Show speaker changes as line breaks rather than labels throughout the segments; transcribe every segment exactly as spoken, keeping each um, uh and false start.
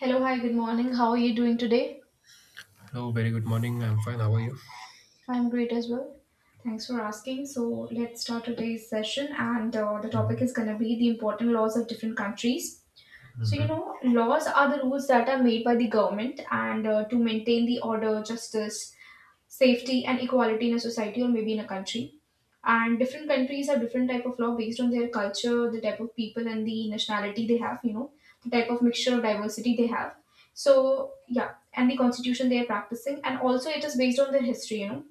Hello, hi, good morning. How are you doing today?
Hello, very good morning. I'm fine. How are you?
I'm great as well. Thanks for asking. Let's start today's session, and uh, the topic is going to be the important laws of different countries. So, you
Mm-hmm.
know, laws are the rules that are made by the government and uh, to maintain the order, justice, safety, and equality in a society or maybe in a country. And different countries have different type of law based on their culture, the type of people and the nationality they have, you know, the type of mixture of diversity they have. So yeah, and the constitution they are practicing, and also it is based on their history, you know.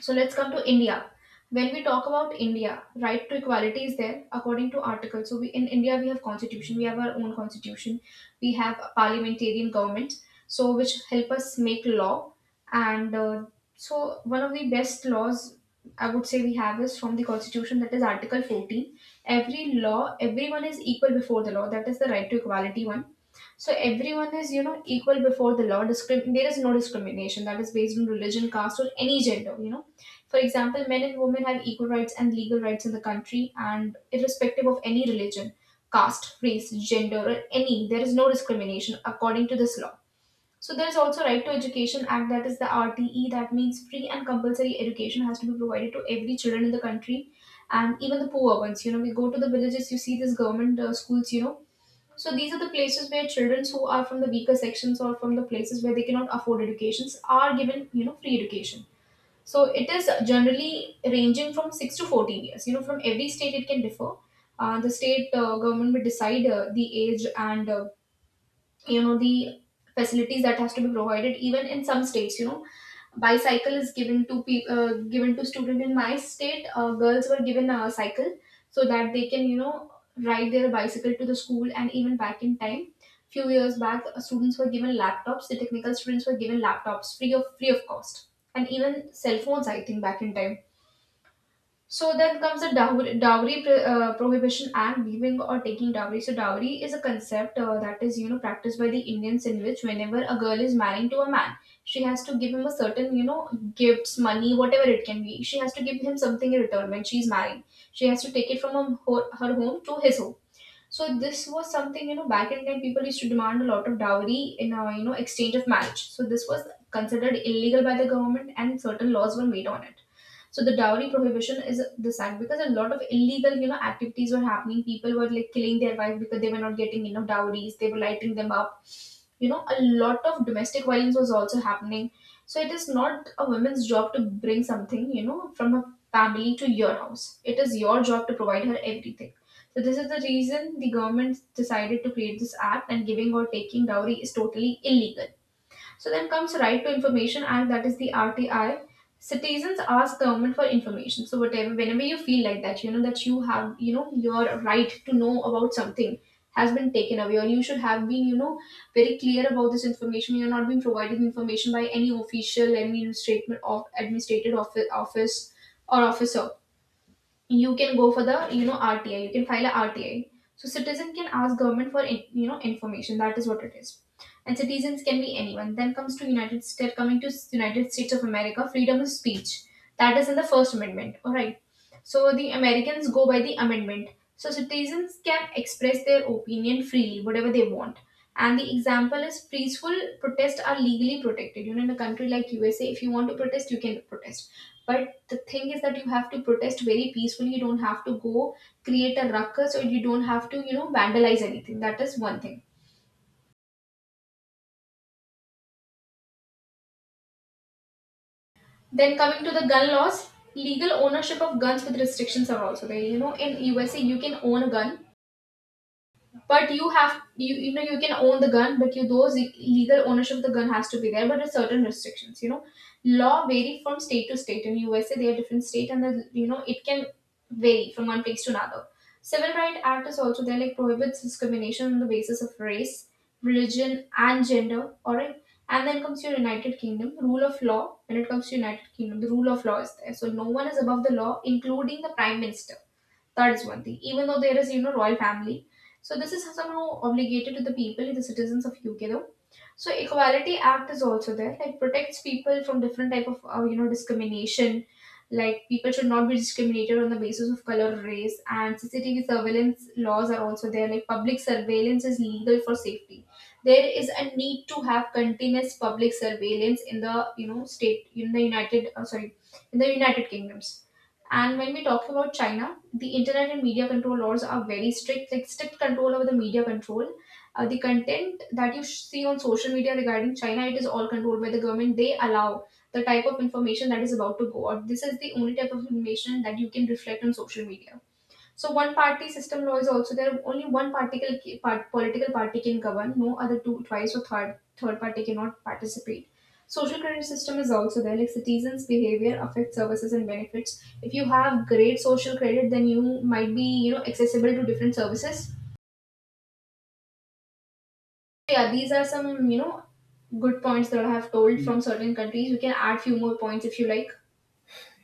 So let's come to India. When we talk about India, right to equality is there according to article. So we in India we have constitution, we have our own constitution, we have a parliamentarian government, so which help us make law. And uh, So one of the best laws I would say we have is from the constitution, that is Article fourteen. Every law, everyone is equal before the law. That is the right to equality one. So everyone is, you know, equal before the law. Discrim- there is no discrimination that is based on religion, caste, or any gender. You know, for example, men and women have equal rights and legal rights in the country, and irrespective of any religion, caste, race, gender, or any, there is no discrimination according to this law. So there is also Right to Education Act, that is the R T E, that means free and compulsory education has to be provided to every children in the country, and even the poor ones. You know, we go to the villages, you see these government uh, schools. You know, so these are the places where children who are from the weaker sections or from the places where they cannot afford educations are given, you know, free education. So it is generally ranging from six to fourteen years. You know, from every state it can differ. Uh, the state uh, government will decide uh, the age and uh, you know, the facilities that has to be provided. Even in some states, you know, bicycle is given to pe- uh, given to student. In my state uh, girls were given a cycle so that they can, you know, ride their bicycle to the school. And even back in time, few years back, uh, students were given laptops, the technical students were given laptops free of free of cost, and even cell phones I think, back in time. So then comes the dowry, dowry pr- uh, prohibition act, giving or taking dowry. So dowry is a concept uh, that is, you know, practiced by the Indians, in which whenever a girl is marrying to a man, she has to give him a certain, you know, gifts, money, whatever it can be. She has to give him something in return when she is marrying. She has to take it from her, ho- her home to his home. So this was something, you know, back in time people used to demand a lot of dowry in a, you know, exchange of marriage. So this was considered illegal by the government and certain laws were made on it. So the dowry prohibition is this act, because a lot of illegal, you know, activities were happening. People were like killing their wife because they were not getting enough dowries. They were lighting them up. You know, a lot of domestic violence was also happening. So it is not a woman's job to bring something, you know, from her family to your house. It is your job to provide her everything. So this is the reason the government decided to create this act, and giving or taking dowry is totally illegal. So then comes Right to Information Act, that is the R T I. Citizens ask government for information. So whatever, whenever you feel like that, you know, that you have, you know, your right to know about something has been taken away, or you should have been, you know, very clear about this information. You're not being provided information by any official, any administrative of administrative office, office or officer, you can go for the, you know, R T I. You can file a R T I. So citizen can ask government for in- you know, information. That is what it is. And citizens can be anyone. Then comes to United States. Coming to United States of America, freedom of speech. That is in the First Amendment. All right. So the Americans go by the amendment. So citizens can express their opinion freely, whatever they want. And the example is peaceful protests are legally protected. You know, in a country like U S A, if you want to protest, you can protest. But the thing is that you have to protest very peacefully. You don't have to go create a ruckus, or you don't have to, you know, vandalize anything. That is one thing. Then coming to the gun laws, legal ownership of guns with restrictions are also there. You know, in U S A, you can own a gun, but you have you you know, you can own the gun, but you those le- legal ownership of the gun has to be there, but there's certain restrictions, you know. Law vary from state to state. In USA they are different state, and the, you know, it can vary from one place to another. Civil right act is also there, like prohibits discrimination on the basis of race, religion and gender. All right. And then comes your United Kingdom, rule of law. When it comes to United Kingdom, the rule of law is there, so no one is above the law, including the prime minister. That is one thing. Even though there is, you know, royal family, so this is somehow obligated to the people, the citizens of U K though. So Equality Act is also there, like protects people from different type of, uh, you know, discrimination. Like people should not be discriminated on the basis of color, race, and C C T V surveillance laws are also there. Like public surveillance is legal for safety. There is a need to have continuous public surveillance in the, you know, state in the United, uh, sorry, in the United Kingdoms. And when we talk about China, the internet and media control laws are very strict, like strict control over the media control. Uh, the content that you sh- see on social media regarding China, it is all controlled by the government. They allow the type of information that is about to go out. This is the only type of information that you can reflect on social media. So one party system law is also there. Only one particle part, political party can govern. No other two, twice or third third party cannot participate. Social credit system is also there, like citizens' behavior affects services and benefits. If you have great social credit, then you might be, you know, accessible to different services. So, yeah, these are some, you know, good points that I have told
Yes,
from certain countries. You can add few more points if you like.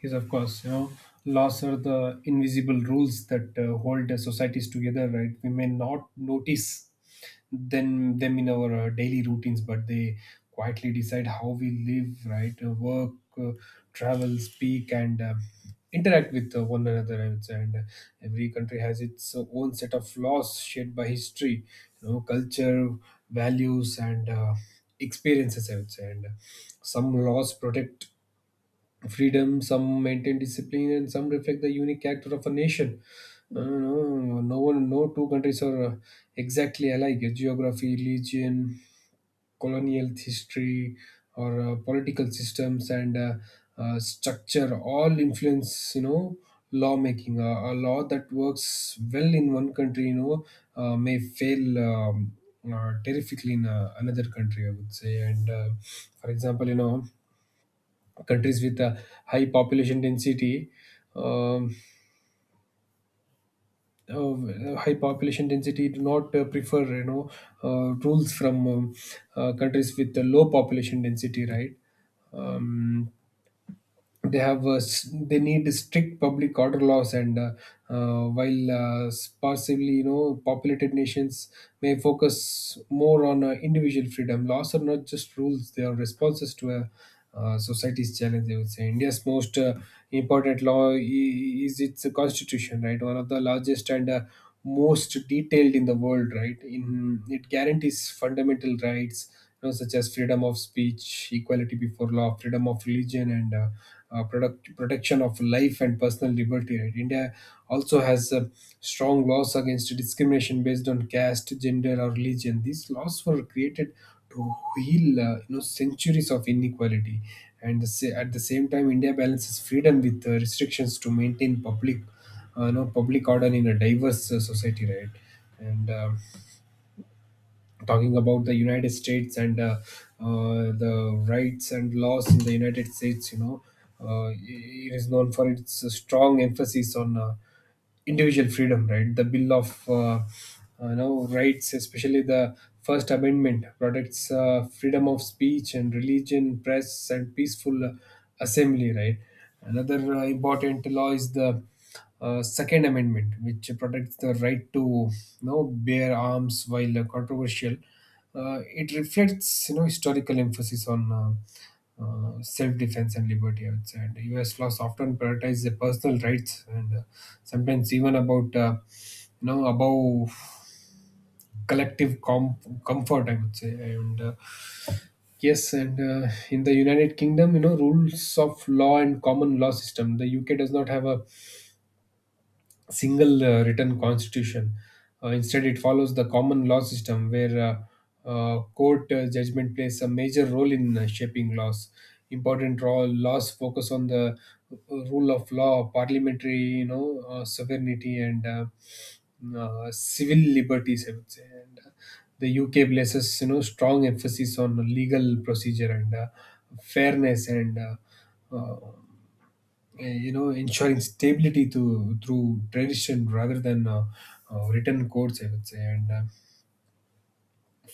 yes, of course. You know, laws are the invisible rules that uh, hold the societies together, right? We may not notice then them in our uh, daily routines, but they quietly decide how we live, right, uh, work, uh, travel, speak, and uh, interact with uh, one another, I would say. and uh, every country has its uh, own set of laws shaped by history, you know culture, values, and uh, experiences, i would say. And uh, some laws protect freedom, some maintain discipline, and some reflect the unique character of a nation. Uh, no, no one, no two countries are uh, exactly alike. Geography, religion, colonial history, or uh, political systems and uh, uh, structure all influence, You know, lawmaking. Uh, a law that works well in one country, you know, uh, may fail. Um, uh, terrifically in uh, another country, I would say. And uh, for example, you know, countries with a high population density, um, uh, high population density do not uh, prefer, you know uh, rules from um, uh, countries with a low population density, right. um, they have, uh, s- they need strict public order laws, and uh, uh, while uh, possibly, you know populated nations may focus more on uh, individual freedom. Laws are not just rules, they are responses to a uh, society's challenge, i would say. India's most uh, important law i- is its constitution, right? One of the largest and uh, most detailed in the world, right? In it guarantees fundamental rights, you know, such as freedom of speech, equality before law, freedom of religion, and uh, uh, product, protection of life and personal liberty, right. India also has uh, strong laws against discrimination based on caste, gender, or religion. These laws were created to heal, uh, you know centuries of inequality. And, the sa- at the same time, india balances freedom with uh, restrictions to maintain public, uh, you know public order in a diverse uh, society, right. And um talking about the united states and uh, uh, the rights and laws in the united states, you know uh, it is known for its strong emphasis on uh, individual freedom, right. The bill of uh, uh, you know rights, especially the first amendment, protects uh, freedom of speech and religion, press, and peaceful assembly, right. Another uh, important law is the uh, Second Amendment, which protects the right to, you know, bear arms, while uh, controversial. Uh, it reflects, you know historical emphasis on uh, uh, self-defense and liberty, I would say. And U S laws often prioritize the personal rights and uh, sometimes, even about, uh, you know above collective com- comfort, I would say. And uh, yes, and uh, in the United Kingdom, you know, rules of law and common law system. The U K does not have a single uh, written constitution. Uh, instead, it follows the common law system, where uh, uh, court uh, judgment plays a major role in uh, shaping laws. Important raw laws focus on the uh, rule of law, parliamentary, you know, uh, sovereignty, and uh, uh, civil liberties, I would say. And uh, the U K places, you know strong emphasis on legal procedure and uh, fairness, and uh, uh, uh, you know ensuring stability to through tradition rather than uh, uh, written codes, i would say. And uh,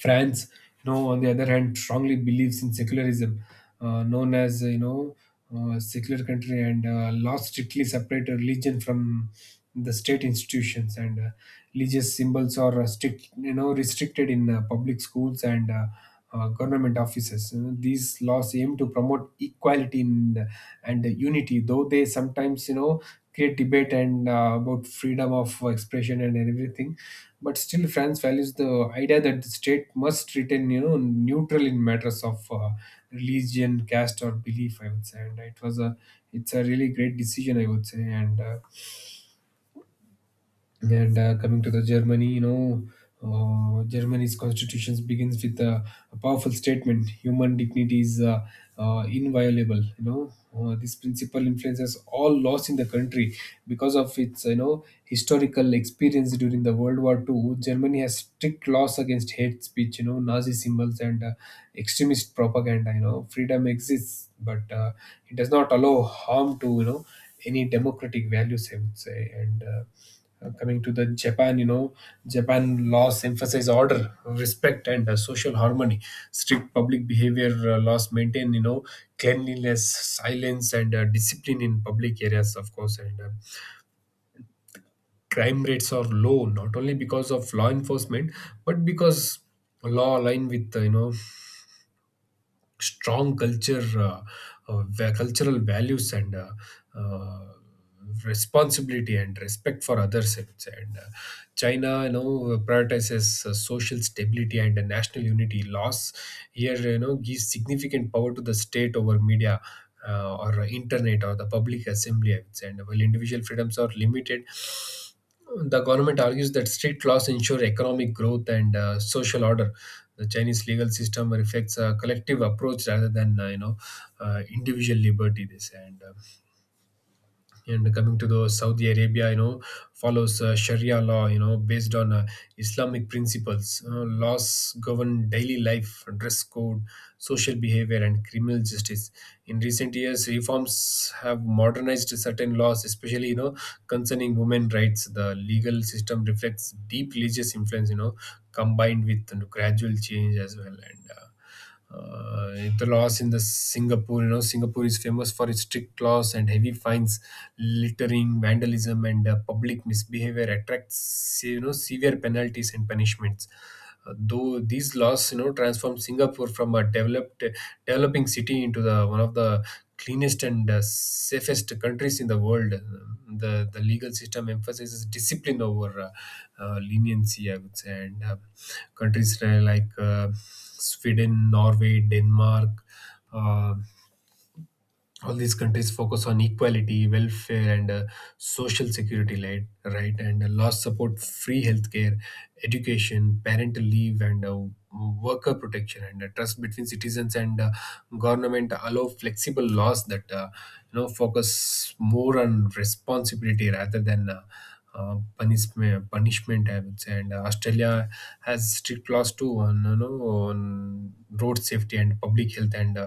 france, you know on the other hand, strongly believes in secularism, uh, known as, you know uh, secular country. And uh, laws strictly separate religion from the state institutions. And uh, religious symbols are uh, strict you know restricted in uh, public schools and uh, uh, government offices. You know, these laws aim to promote equality in and unity, though they sometimes, you know, create debate, and uh, about freedom of expression and everything. But still, France values the idea that the state must retain, you know, neutral in matters of uh, religion, caste, or belief, I would say. And it was a, it's a really great decision, I would say, and. Uh, and uh, coming to the Germany, you know, uh, Germany's constitution begins with a, a powerful statement: "Human dignity is uh, uh, inviolable." You know, uh, this principle influences all laws in the country because of its, you know, historical experience during the World War Two. Germany has strict laws against hate speech, you know, Nazi symbols, and uh, extremist propaganda. You know, freedom exists, but uh, it does not allow harm to, you know, any democratic values, I would say. And uh, uh, coming to the Japan, you know, Japan laws emphasize order, respect, and uh, social harmony. Strict public behavior, uh, laws maintain, you know, cleanliness, silence, and uh, discipline in public areas, of course. And uh, crime rates are low, not only because of law enforcement, but because law align with, uh, you know, strong culture, uh, uh, va- cultural values, and uh, uh, responsibility and respect for others, I would say. And uh, China, you know, prioritizes uh, social stability and uh, national unity. Laws here, you know, gives significant power to the state over media, Uh, or internet, or the public assembly, I would say. And while individual freedoms are limited, the government argues that strict laws ensure economic growth and uh, social order. The Chinese legal system reflects a collective approach rather than uh, you know uh, individual liberty, they say. And uh, and coming to the saudi arabia, you know follows uh, sharia law, you know based on uh, islamic principles. Uh, laws govern daily life, dress code, social behavior, and criminal justice. In recent years, reforms have modernized certain laws, especially, you know concerning women rights. The legal system reflects deep religious influence, you know combined with gradual change as well. And uh, uh, the laws in the Singapore, you know, Singapore is famous for its strict laws and heavy fines, littering, vandalism, and uh, public misbehavior attracts, you know, severe penalties and punishments, though these laws, you know transform Singapore from a developed developing city into the one of the cleanest and uh, safest countries in the world. The the legal system emphasizes discipline over uh, uh, leniency, I would say. And uh, countries like uh, sweden, norway, denmark, uh, all these countries focus on equality, welfare, and uh, social security, right? Right, and uh, laws support free healthcare, education, parental leave, and uh, worker protection, and uh, trust between citizens and uh, government allow flexible laws that uh, you know focus more on responsibility rather than. Uh, uh, punishment, punishment, I would say. And uh, Australia has strict laws too, on you know on road safety and public health, and uh,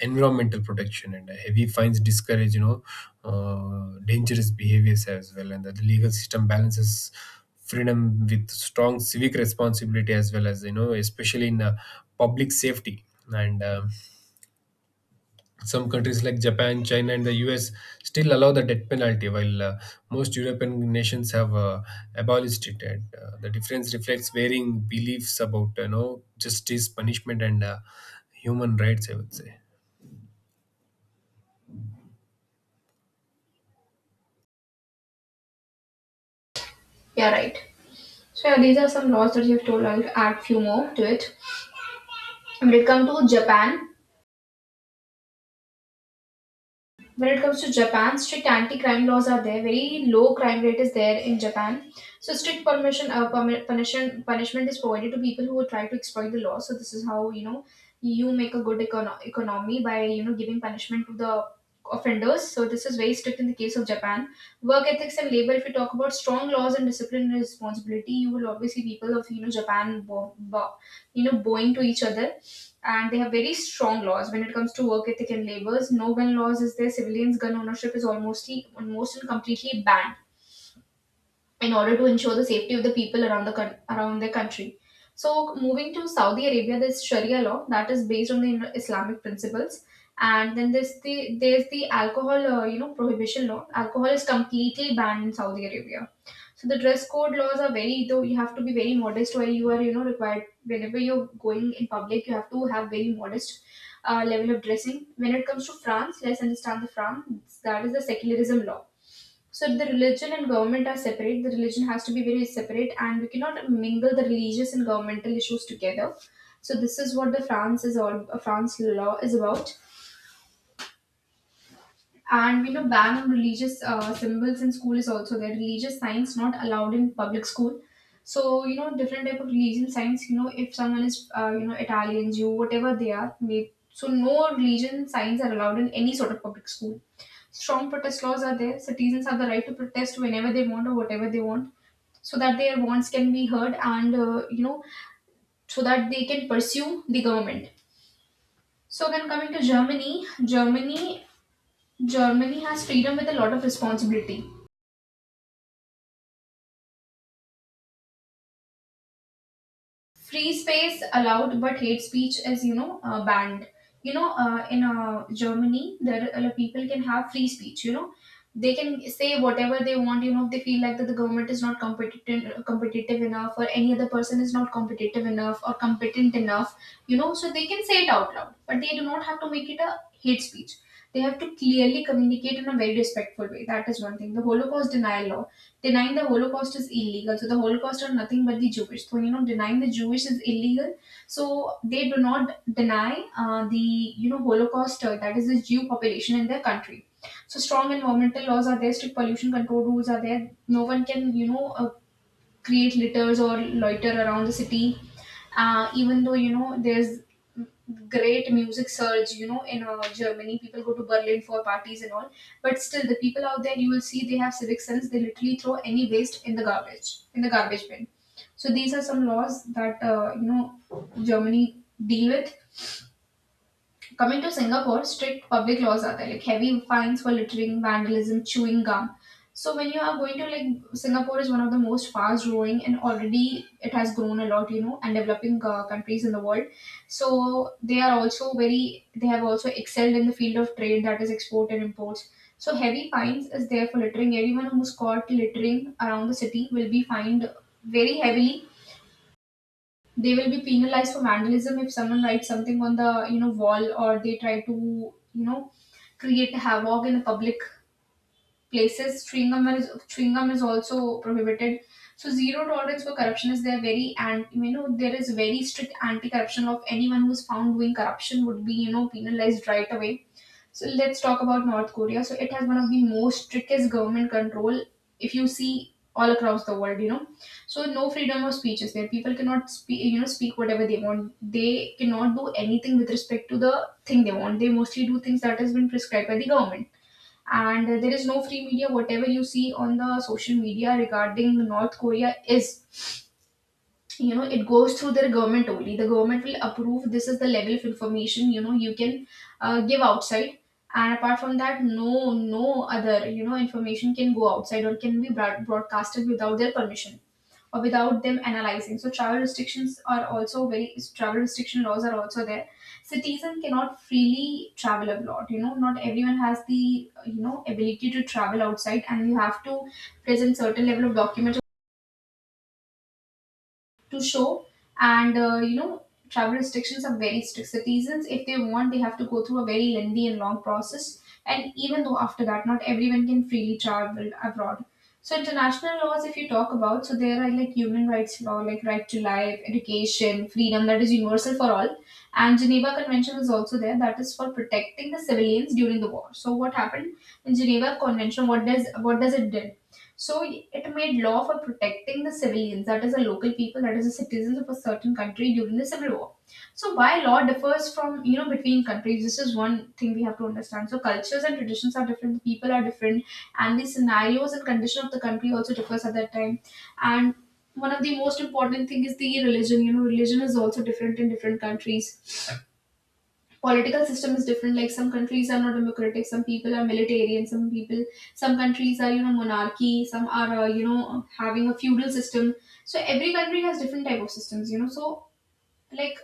environmental protection, and heavy fines discourage, you know uh, dangerous behaviors as well. And the legal system balances freedom with strong civic responsibility as well, as you know especially in uh, public safety. And um some countries like japan, china, and the us still allow the death penalty, while uh, most european nations have uh, abolished it. And uh, the difference reflects varying beliefs about, you know justice, punishment, and uh, human rights, i would say.
Yeah, right. So yeah, these are some laws that you have told. I'll add few more to it. When it comes to Japan, when it comes to Japan, strict anti-crime laws are there. Very low crime rate is there in Japan. So strict permission, uh, permi- punishment, punishment is provided to people who try to exploit the law. So this is how, you know, you make a good econo- economy by, you know, giving punishment to the offenders. So this is very strict in the case of Japan. Work ethics and labor. If you talk about strong laws and discipline and responsibility, you will always see people of, you know, Japan, bo- bo- you know, bowing to each other, and they have very strong laws when it comes to work ethic and labors. No gun laws is there. Civilians' gun ownership is almost almost and completely banned in order to ensure the safety of the people around the coun- around their country. So moving to Saudi Arabia, there's Sharia law that is based on the Islamic principles, and then there's the there's the alcohol uh, you know, prohibition law. Alcohol is completely banned in Saudi Arabia. So the dress code laws are very though, you have to be very modest while you are, you know, required whenever you're going in public you have to have very modest uh, level of dressing. When it comes to France, let's understand the France, that is the secularism law. So the religion and government are separate. The religion has to be very separate, and we cannot mingle the religious and governmental issues together. So this is what the France is all uh, France law is about. And you know, ban on religious uh, symbols in school is also there. Religious signs not allowed in public school. So you know, different type of religion signs. You know, if someone is uh, you know Italian, Jew, whatever they are, may so no religion signs are allowed in any sort of public school. Strong protest laws are there. Citizens have the right to protest whenever they want or whatever they want, so that their wants can be heard and uh, you know so that they can pursue the government. So then coming to Germany, Germany, Germany has freedom with a lot of responsibility. Free space allowed but hate speech is you know uh, banned. You know uh, in uh, germany there uh, like, people can have free speech you know They can say whatever they want you know If they feel like that the government is not competent competitive enough or any other person is not competitive enough or competent enough you know so they can say it out loud but they do not have to make it a hate speech. They have to clearly communicate in a very respectful way. That is one thing, the holocaust denial law. Denying the Holocaust is illegal. So the Holocaust are nothing but the Jewish. So you know, denying the Jewish is illegal. So they do not deny uh, the you know Holocaust, uh, that is the Jew population in their country. So strong environmental laws are there, strict pollution control rules are there. No one can you know uh, create litters or loiter around the city. Uh, even though you know there's great music surge, you know, in uh, Germany, people go to Berlin for parties and all. But still, the people out there, you will see they have civic sense. They literally throw any waste in the garbage, in the garbage bin. So these are some laws that uh, you know Germany deal with. Coming to Singapore, strict public laws are there, like heavy fines for littering, vandalism, chewing gum. So when you are going to like Singapore, is one of the most fast growing and already it has grown a lot, you know, and developing uh, countries in the world. So they are also very, they have also excelled in the field of trade, that is export and imports. So heavy fines is there for littering. Everyone who's caught littering around the city will be fined very heavily. They will be penalized for vandalism if someone writes something on the you know wall or they try to you know create havoc in the public places. Chewing gum is chewing gum is also prohibited. So zero tolerance for corruption is there. Very, and you know, there is very strict anti-corruption of anyone who is found doing corruption would be you know penalized right away. So let's talk about North Korea. So it has one of the most strictest government control, if you see, all across the world, you know. So no freedom of speech is there. People cannot speak, you know, speak whatever they want. They cannot do anything with respect to the thing they want. They mostly do things that has been prescribed by the government, and there is no free media. Whatever you see on the social media regarding north korea is, you know it goes through their government only. The government will approve this is the level of information you know you can uh, give outside, and apart from that, no no other you know information can go outside or can be broad- broadcasted without their permission or without them analyzing. So travel restrictions are also very, travel restriction laws are also there. Citizen cannot freely travel abroad. You know, not everyone has the you know ability to travel outside, and you have to present certain level of documents to show, and uh, you know travel restrictions are very strict. Citizens, if they want, they have to go through a very lengthy and long process, and even though after that, not everyone can freely travel abroad. So international laws, if you talk about, so there are like human rights law, like right to life, education, freedom, that is universal for all. And geneva convention is also there, that is for protecting the civilians during the war. So what happened in geneva convention, what does what does it did? So it made law for protecting the civilians, that is, the local people, that is, the citizens of a certain country during the civil war. So why law differs from, you know, between countries, this is one thing we have to understand. So cultures and traditions are different, the people are different, and the scenarios and condition of the country also differs at that time. And one of the most important thing is the religion. You know, religion is also different in different countries. Political system is different, like some countries are not democratic, some people are militarian, some people, some countries are, you know, monarchy, some are uh, you know, having a feudal system. So every country has different type of systems, you know. So like,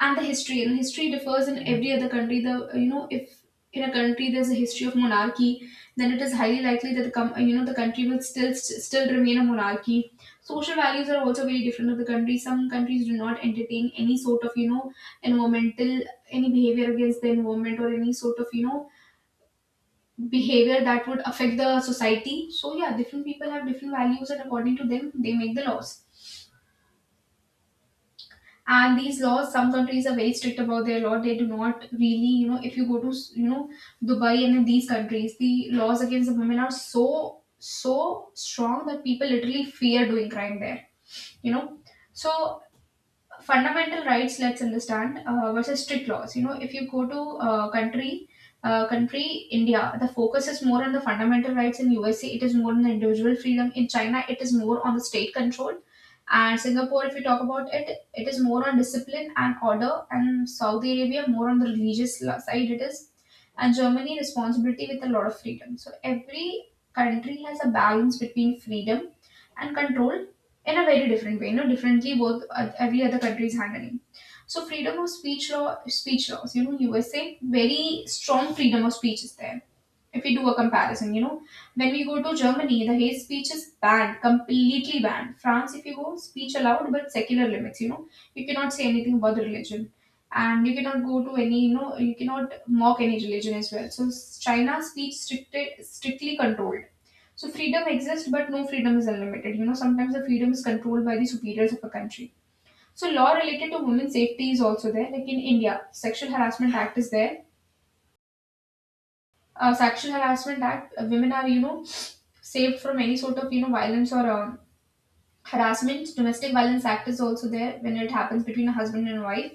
and the history, you know, history differs in every other country. The you know, if in a country there's a history of monarchy, then it is highly likely that the com- you know, the country will still still remain a monarchy. Social values are also very different of the country. Some countries do not entertain any sort of, you know, environmental, any behavior against the environment or any sort of, you know, behavior that would affect the society. So yeah, different people have different values, and according to them they make the laws. And these laws, some countries are very strict about their law. They do not really, you know, if you go to, you know, dubai and in these countries, the laws against the women are so so strong that people literally fear doing crime there, you know. So fundamental rights, let's understand, uh, versus strict laws, you know, if you go to uh, country uh, country india, the focus is more on the fundamental rights. In usa, it is more on the individual freedom. In china, it is more on the state control. And singapore, if you talk about it, it is more on discipline and order. And saudi arabia, more on the religious la- side it is. And germany, responsibility with a lot of freedom. So every country has a balance between freedom and control in a very different way, you know, differently both, uh, every other country is handling. So freedom of speech law, speech laws, you know, U S A very strong freedom of speech is there, if we do a comparison, you know, when we go to Germany, the hate speech is banned, completely banned. France, if you go, speech allowed, but secular limits, you know, you cannot say anything about the religion. And you cannot go to any, you know, you cannot mock any religion as well. So s- China speech stricted, strictly controlled. So freedom exists, but no freedom is unlimited. You know, sometimes the freedom is controlled by the superiors of a country. So law related to women's safety is also there. Like in India, Sexual Harassment Act is there. Uh, sexual harassment act, uh, women are, you know, saved from any sort of, you know, violence or um, harassment. Domestic violence act is also there, when it happens between a husband and wife.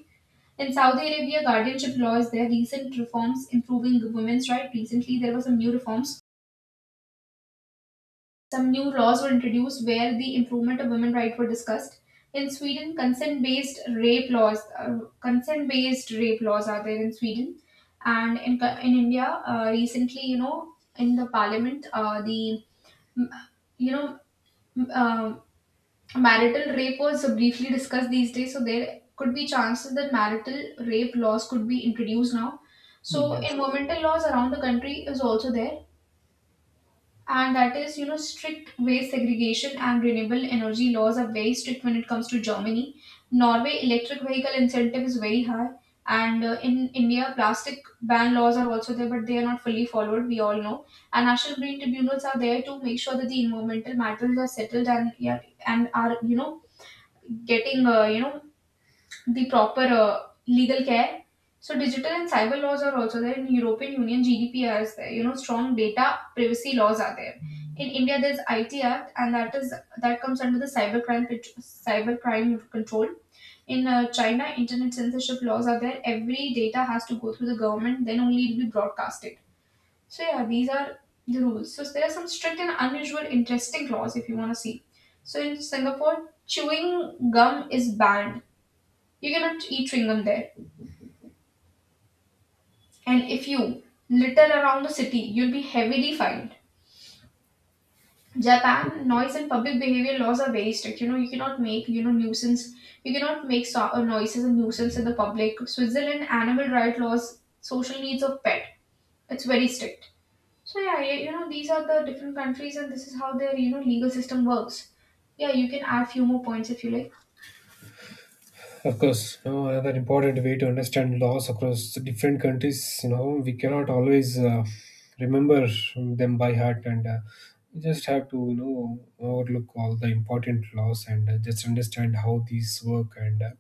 In saudi arabia, guardianship law is there. Recent reforms improving women's right, recently there were some new reforms, some new laws were introduced where the improvement of women's rights were discussed. In sweden, consent based rape laws, uh, consent based rape laws are there in sweden. And in, in india, uh, recently, you know, in the parliament, uh, the M- you know um, marital rape was briefly discussed these days. So there could be chances that marital rape laws could be introduced now. So
Yes.
environmental laws around the country is also there, and that is, you know, strict waste segregation and renewable energy laws are very strict when it comes to germany. Norway, electric vehicle incentive is very high. And uh, in india, plastic ban laws are also there, but they are not fully followed, we all know. And national green tribunals are there to make sure that the environmental matters are settled and yeah, and are, you know, getting uh, you know the proper uh, legal care. So digital and cyber laws are also there. In European Union, G D P R is there. You know, strong data privacy laws are there. In India, there's I T Act, and that is that comes under the cybercrime pat- cybercrime control. In uh, China, internet censorship laws are there. Every data has to go through the government, then only it'll be broadcasted. So yeah, these are the rules. So there are some strict and unusual, interesting laws if you want to see. So in Singapore, chewing gum is banned, you cannot eat chewing gum there. And if you litter around the city, you'll be heavily fined. Japan, noise and public behavior laws are very strict. You know, you cannot make, you know, nuisance, you cannot make so- uh, noises and nuisance in the public. Switzerland, animal rights laws, social needs of pet. It's very strict. So yeah, y- you know, these are the different countries and this is how their, you know, legal system works. Yeah, you can add few more points if you like.
Of course, you know, another important way to understand laws across different countries. You know, we cannot always uh, remember them by heart, and uh, we just have to, you know, overlook all the important laws, and uh, just understand how these work, and uh,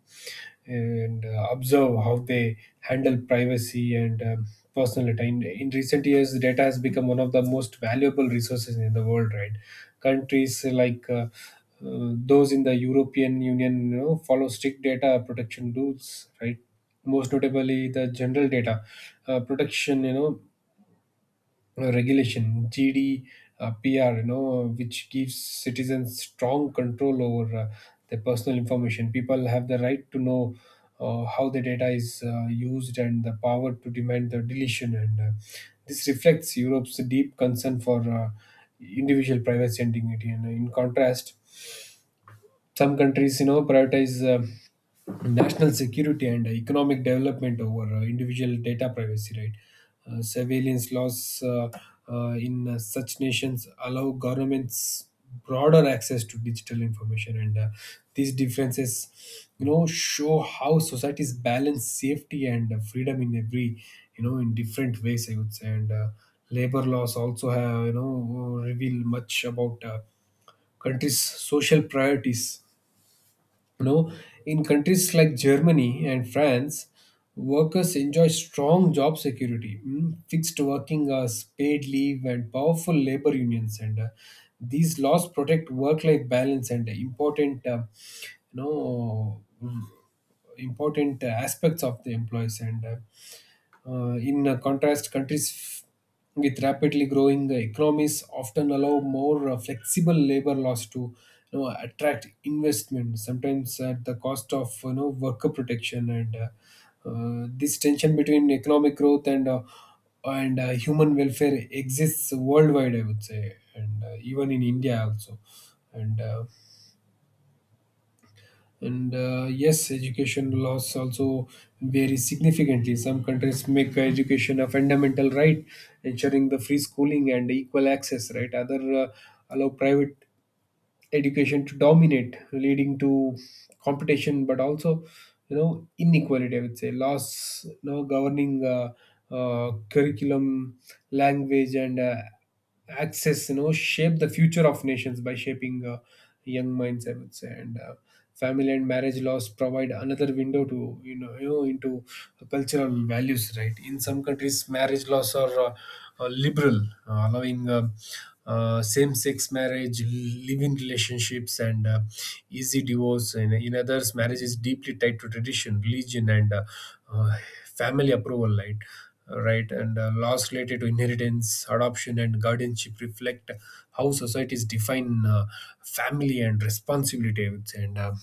and uh, observe how they handle privacy and um, personal data. In, in recent years, data has become one of the most valuable resources in the world, right? Countries like uh, uh, those in the European Union, you know, follow strict data protection rules, right? Most notably, the general data uh, protection, you know, uh, regulation G D, uh, P R, you know, which gives citizens strong control over uh, their personal information. People have the right to know uh, how the data is uh, used, and the power to demand the deletion. And uh, this reflects Europe's deep concern for uh, individual privacy and dignity. And in contrast, some countries, you know, prioritize uh, national security and economic development over uh, individual data privacy, right? Uh, surveillance laws uh, uh, in uh, such nations allow governments broader access to digital information, and uh, these differences, you know, show how societies balance safety and uh, freedom in every, you know, in different ways, I would say. And uh, labor laws also have, you know, reveal much about uh, countries' social priorities. No, in countries like Germany and France, workers enjoy strong job security, mm, fixed working hours, paid leave, and powerful labor unions. And uh, these laws protect work-life balance and important, uh, you know, mm, important uh, aspects of the employees. And uh, uh, in uh, contrast, countries with rapidly growing economies often allow more uh, flexible labor laws to, you know, attract investment, sometimes at the cost of, you know worker protection. And uh, uh, This tension between economic growth and uh, and uh, human welfare exists worldwide, I would say, and uh, even in India also. And uh, and uh, Yes, education laws also vary significantly. Some countries make education a fundamental right, ensuring the free schooling and equal access, right? Other uh, allow private education to dominate, leading to competition, but also, you know, inequality, I would say. Laws you know, governing uh, uh, curriculum, language, and uh, access, you know, shape the future of nations by shaping uh, young minds, I would say. And uh, family and marriage laws provide another window to you know, you know into cultural values, right? In some countries marriage laws are uh, uh, liberal, uh, allowing uh, uh, same-sex marriage, living relationships, and uh, easy divorce. In, in others, marriage is deeply tied to tradition, religion, and uh, uh, family approval, right right? And uh, laws related to inheritance, adoption, and guardianship reflect how societies define uh, family and responsibility, I would say. And uh,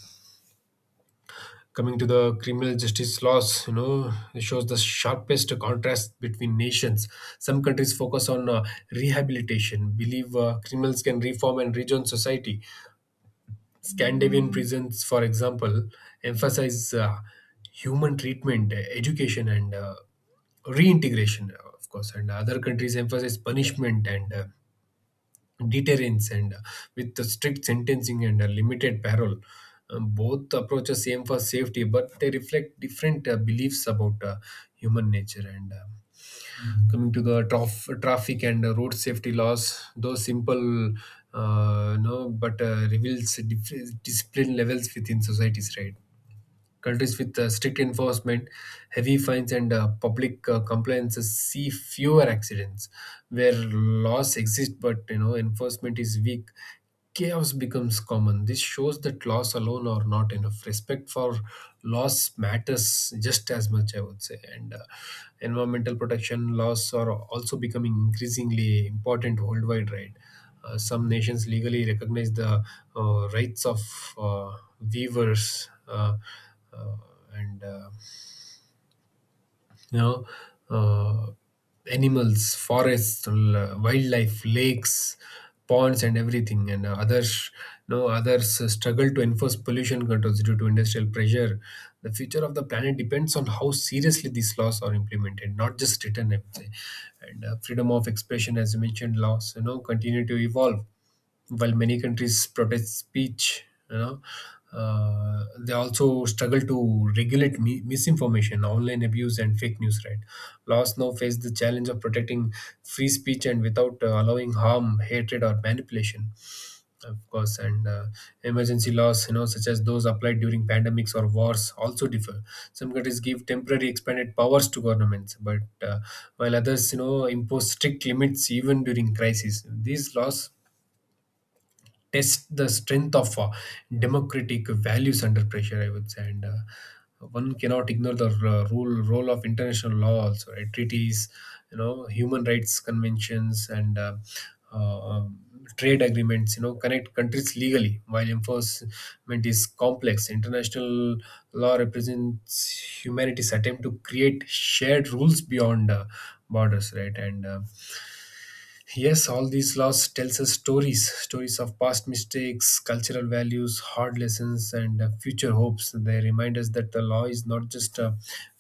coming to the criminal justice laws, you know, it shows the sharpest contrast between nations. Some countries focus on uh, rehabilitation, believe uh, criminals can reform and rejoin society. Scandinavian prisons, for example, emphasize uh, human treatment, uh, education, and uh, reintegration, uh, of course. And other countries emphasize punishment and uh, deterrence, and uh, with the strict sentencing and uh, limited parole. Um, both approaches aim for safety, but they reflect different uh, beliefs about uh, human nature. And. Uh, coming to the traf- traffic and uh, road safety laws, those simple uh, no but uh, reveals dif- discipline levels within societies, right? Countries with uh, strict enforcement, heavy fines, and uh, public uh, compliances see fewer accidents. Where laws exist but, you know, enforcement is weak, chaos becomes common. This shows that laws alone are not enough. Respect for laws matters just as much, I would say. And uh, environmental protection laws are also becoming increasingly important worldwide, right? Uh, some nations legally recognize the uh, rights of uh, weavers uh, uh, and uh, you know uh, animals, forests, l- wildlife, lakes, ponds, and everything. And uh, others, no, others struggle to enforce pollution controls due to industrial pressure. The future of the planet depends on how seriously these laws are implemented, not just written, I would say. And uh, freedom of expression, as you mentioned, laws, you know, continue to evolve. While many countries protect speech, you know, uh, they also struggle to regulate mi- misinformation, online abuse, and fake news. Right, laws now face the challenge of protecting free speech and without uh, allowing harm, hatred, or manipulation. Of course. And uh, emergency laws, you know, such as those applied during pandemics or wars, also differ. Some countries give temporary expanded powers to governments, but uh, while others, you know, impose strict limits even during crises. These laws test the strength of uh, democratic values under pressure, I would say. And uh, one cannot ignore the uh, role role of international law also, right? Treaties, you know, human rights conventions, and uh, uh, um, trade agreements, you know, connect countries legally. While enforcement is complex, international law represents humanity's attempt to create shared rules beyond uh, borders, right? and uh, Yes, all these laws tells us stories: stories of past mistakes, cultural values, hard lessons, and uh, future hopes. They remind us that the law is not just uh,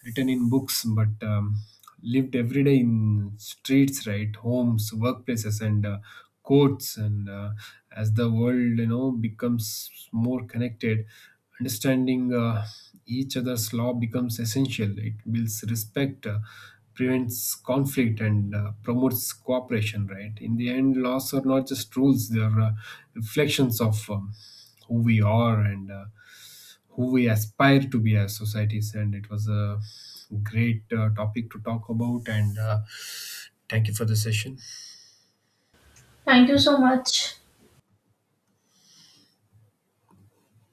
written in books, but um, lived every day in streets, right, homes, workplaces, and uh, courts. And uh, As the world, you know, becomes more connected, understanding. Uh, each other's law becomes essential. It builds respect, uh, prevents conflict, and uh, promotes cooperation. Right. In the end, laws are not just rules; they are uh, reflections of um, who we are and uh, who we aspire to be as societies. And it was a great uh, topic to talk about. And uh, Thank you for the session.
Thank you so much.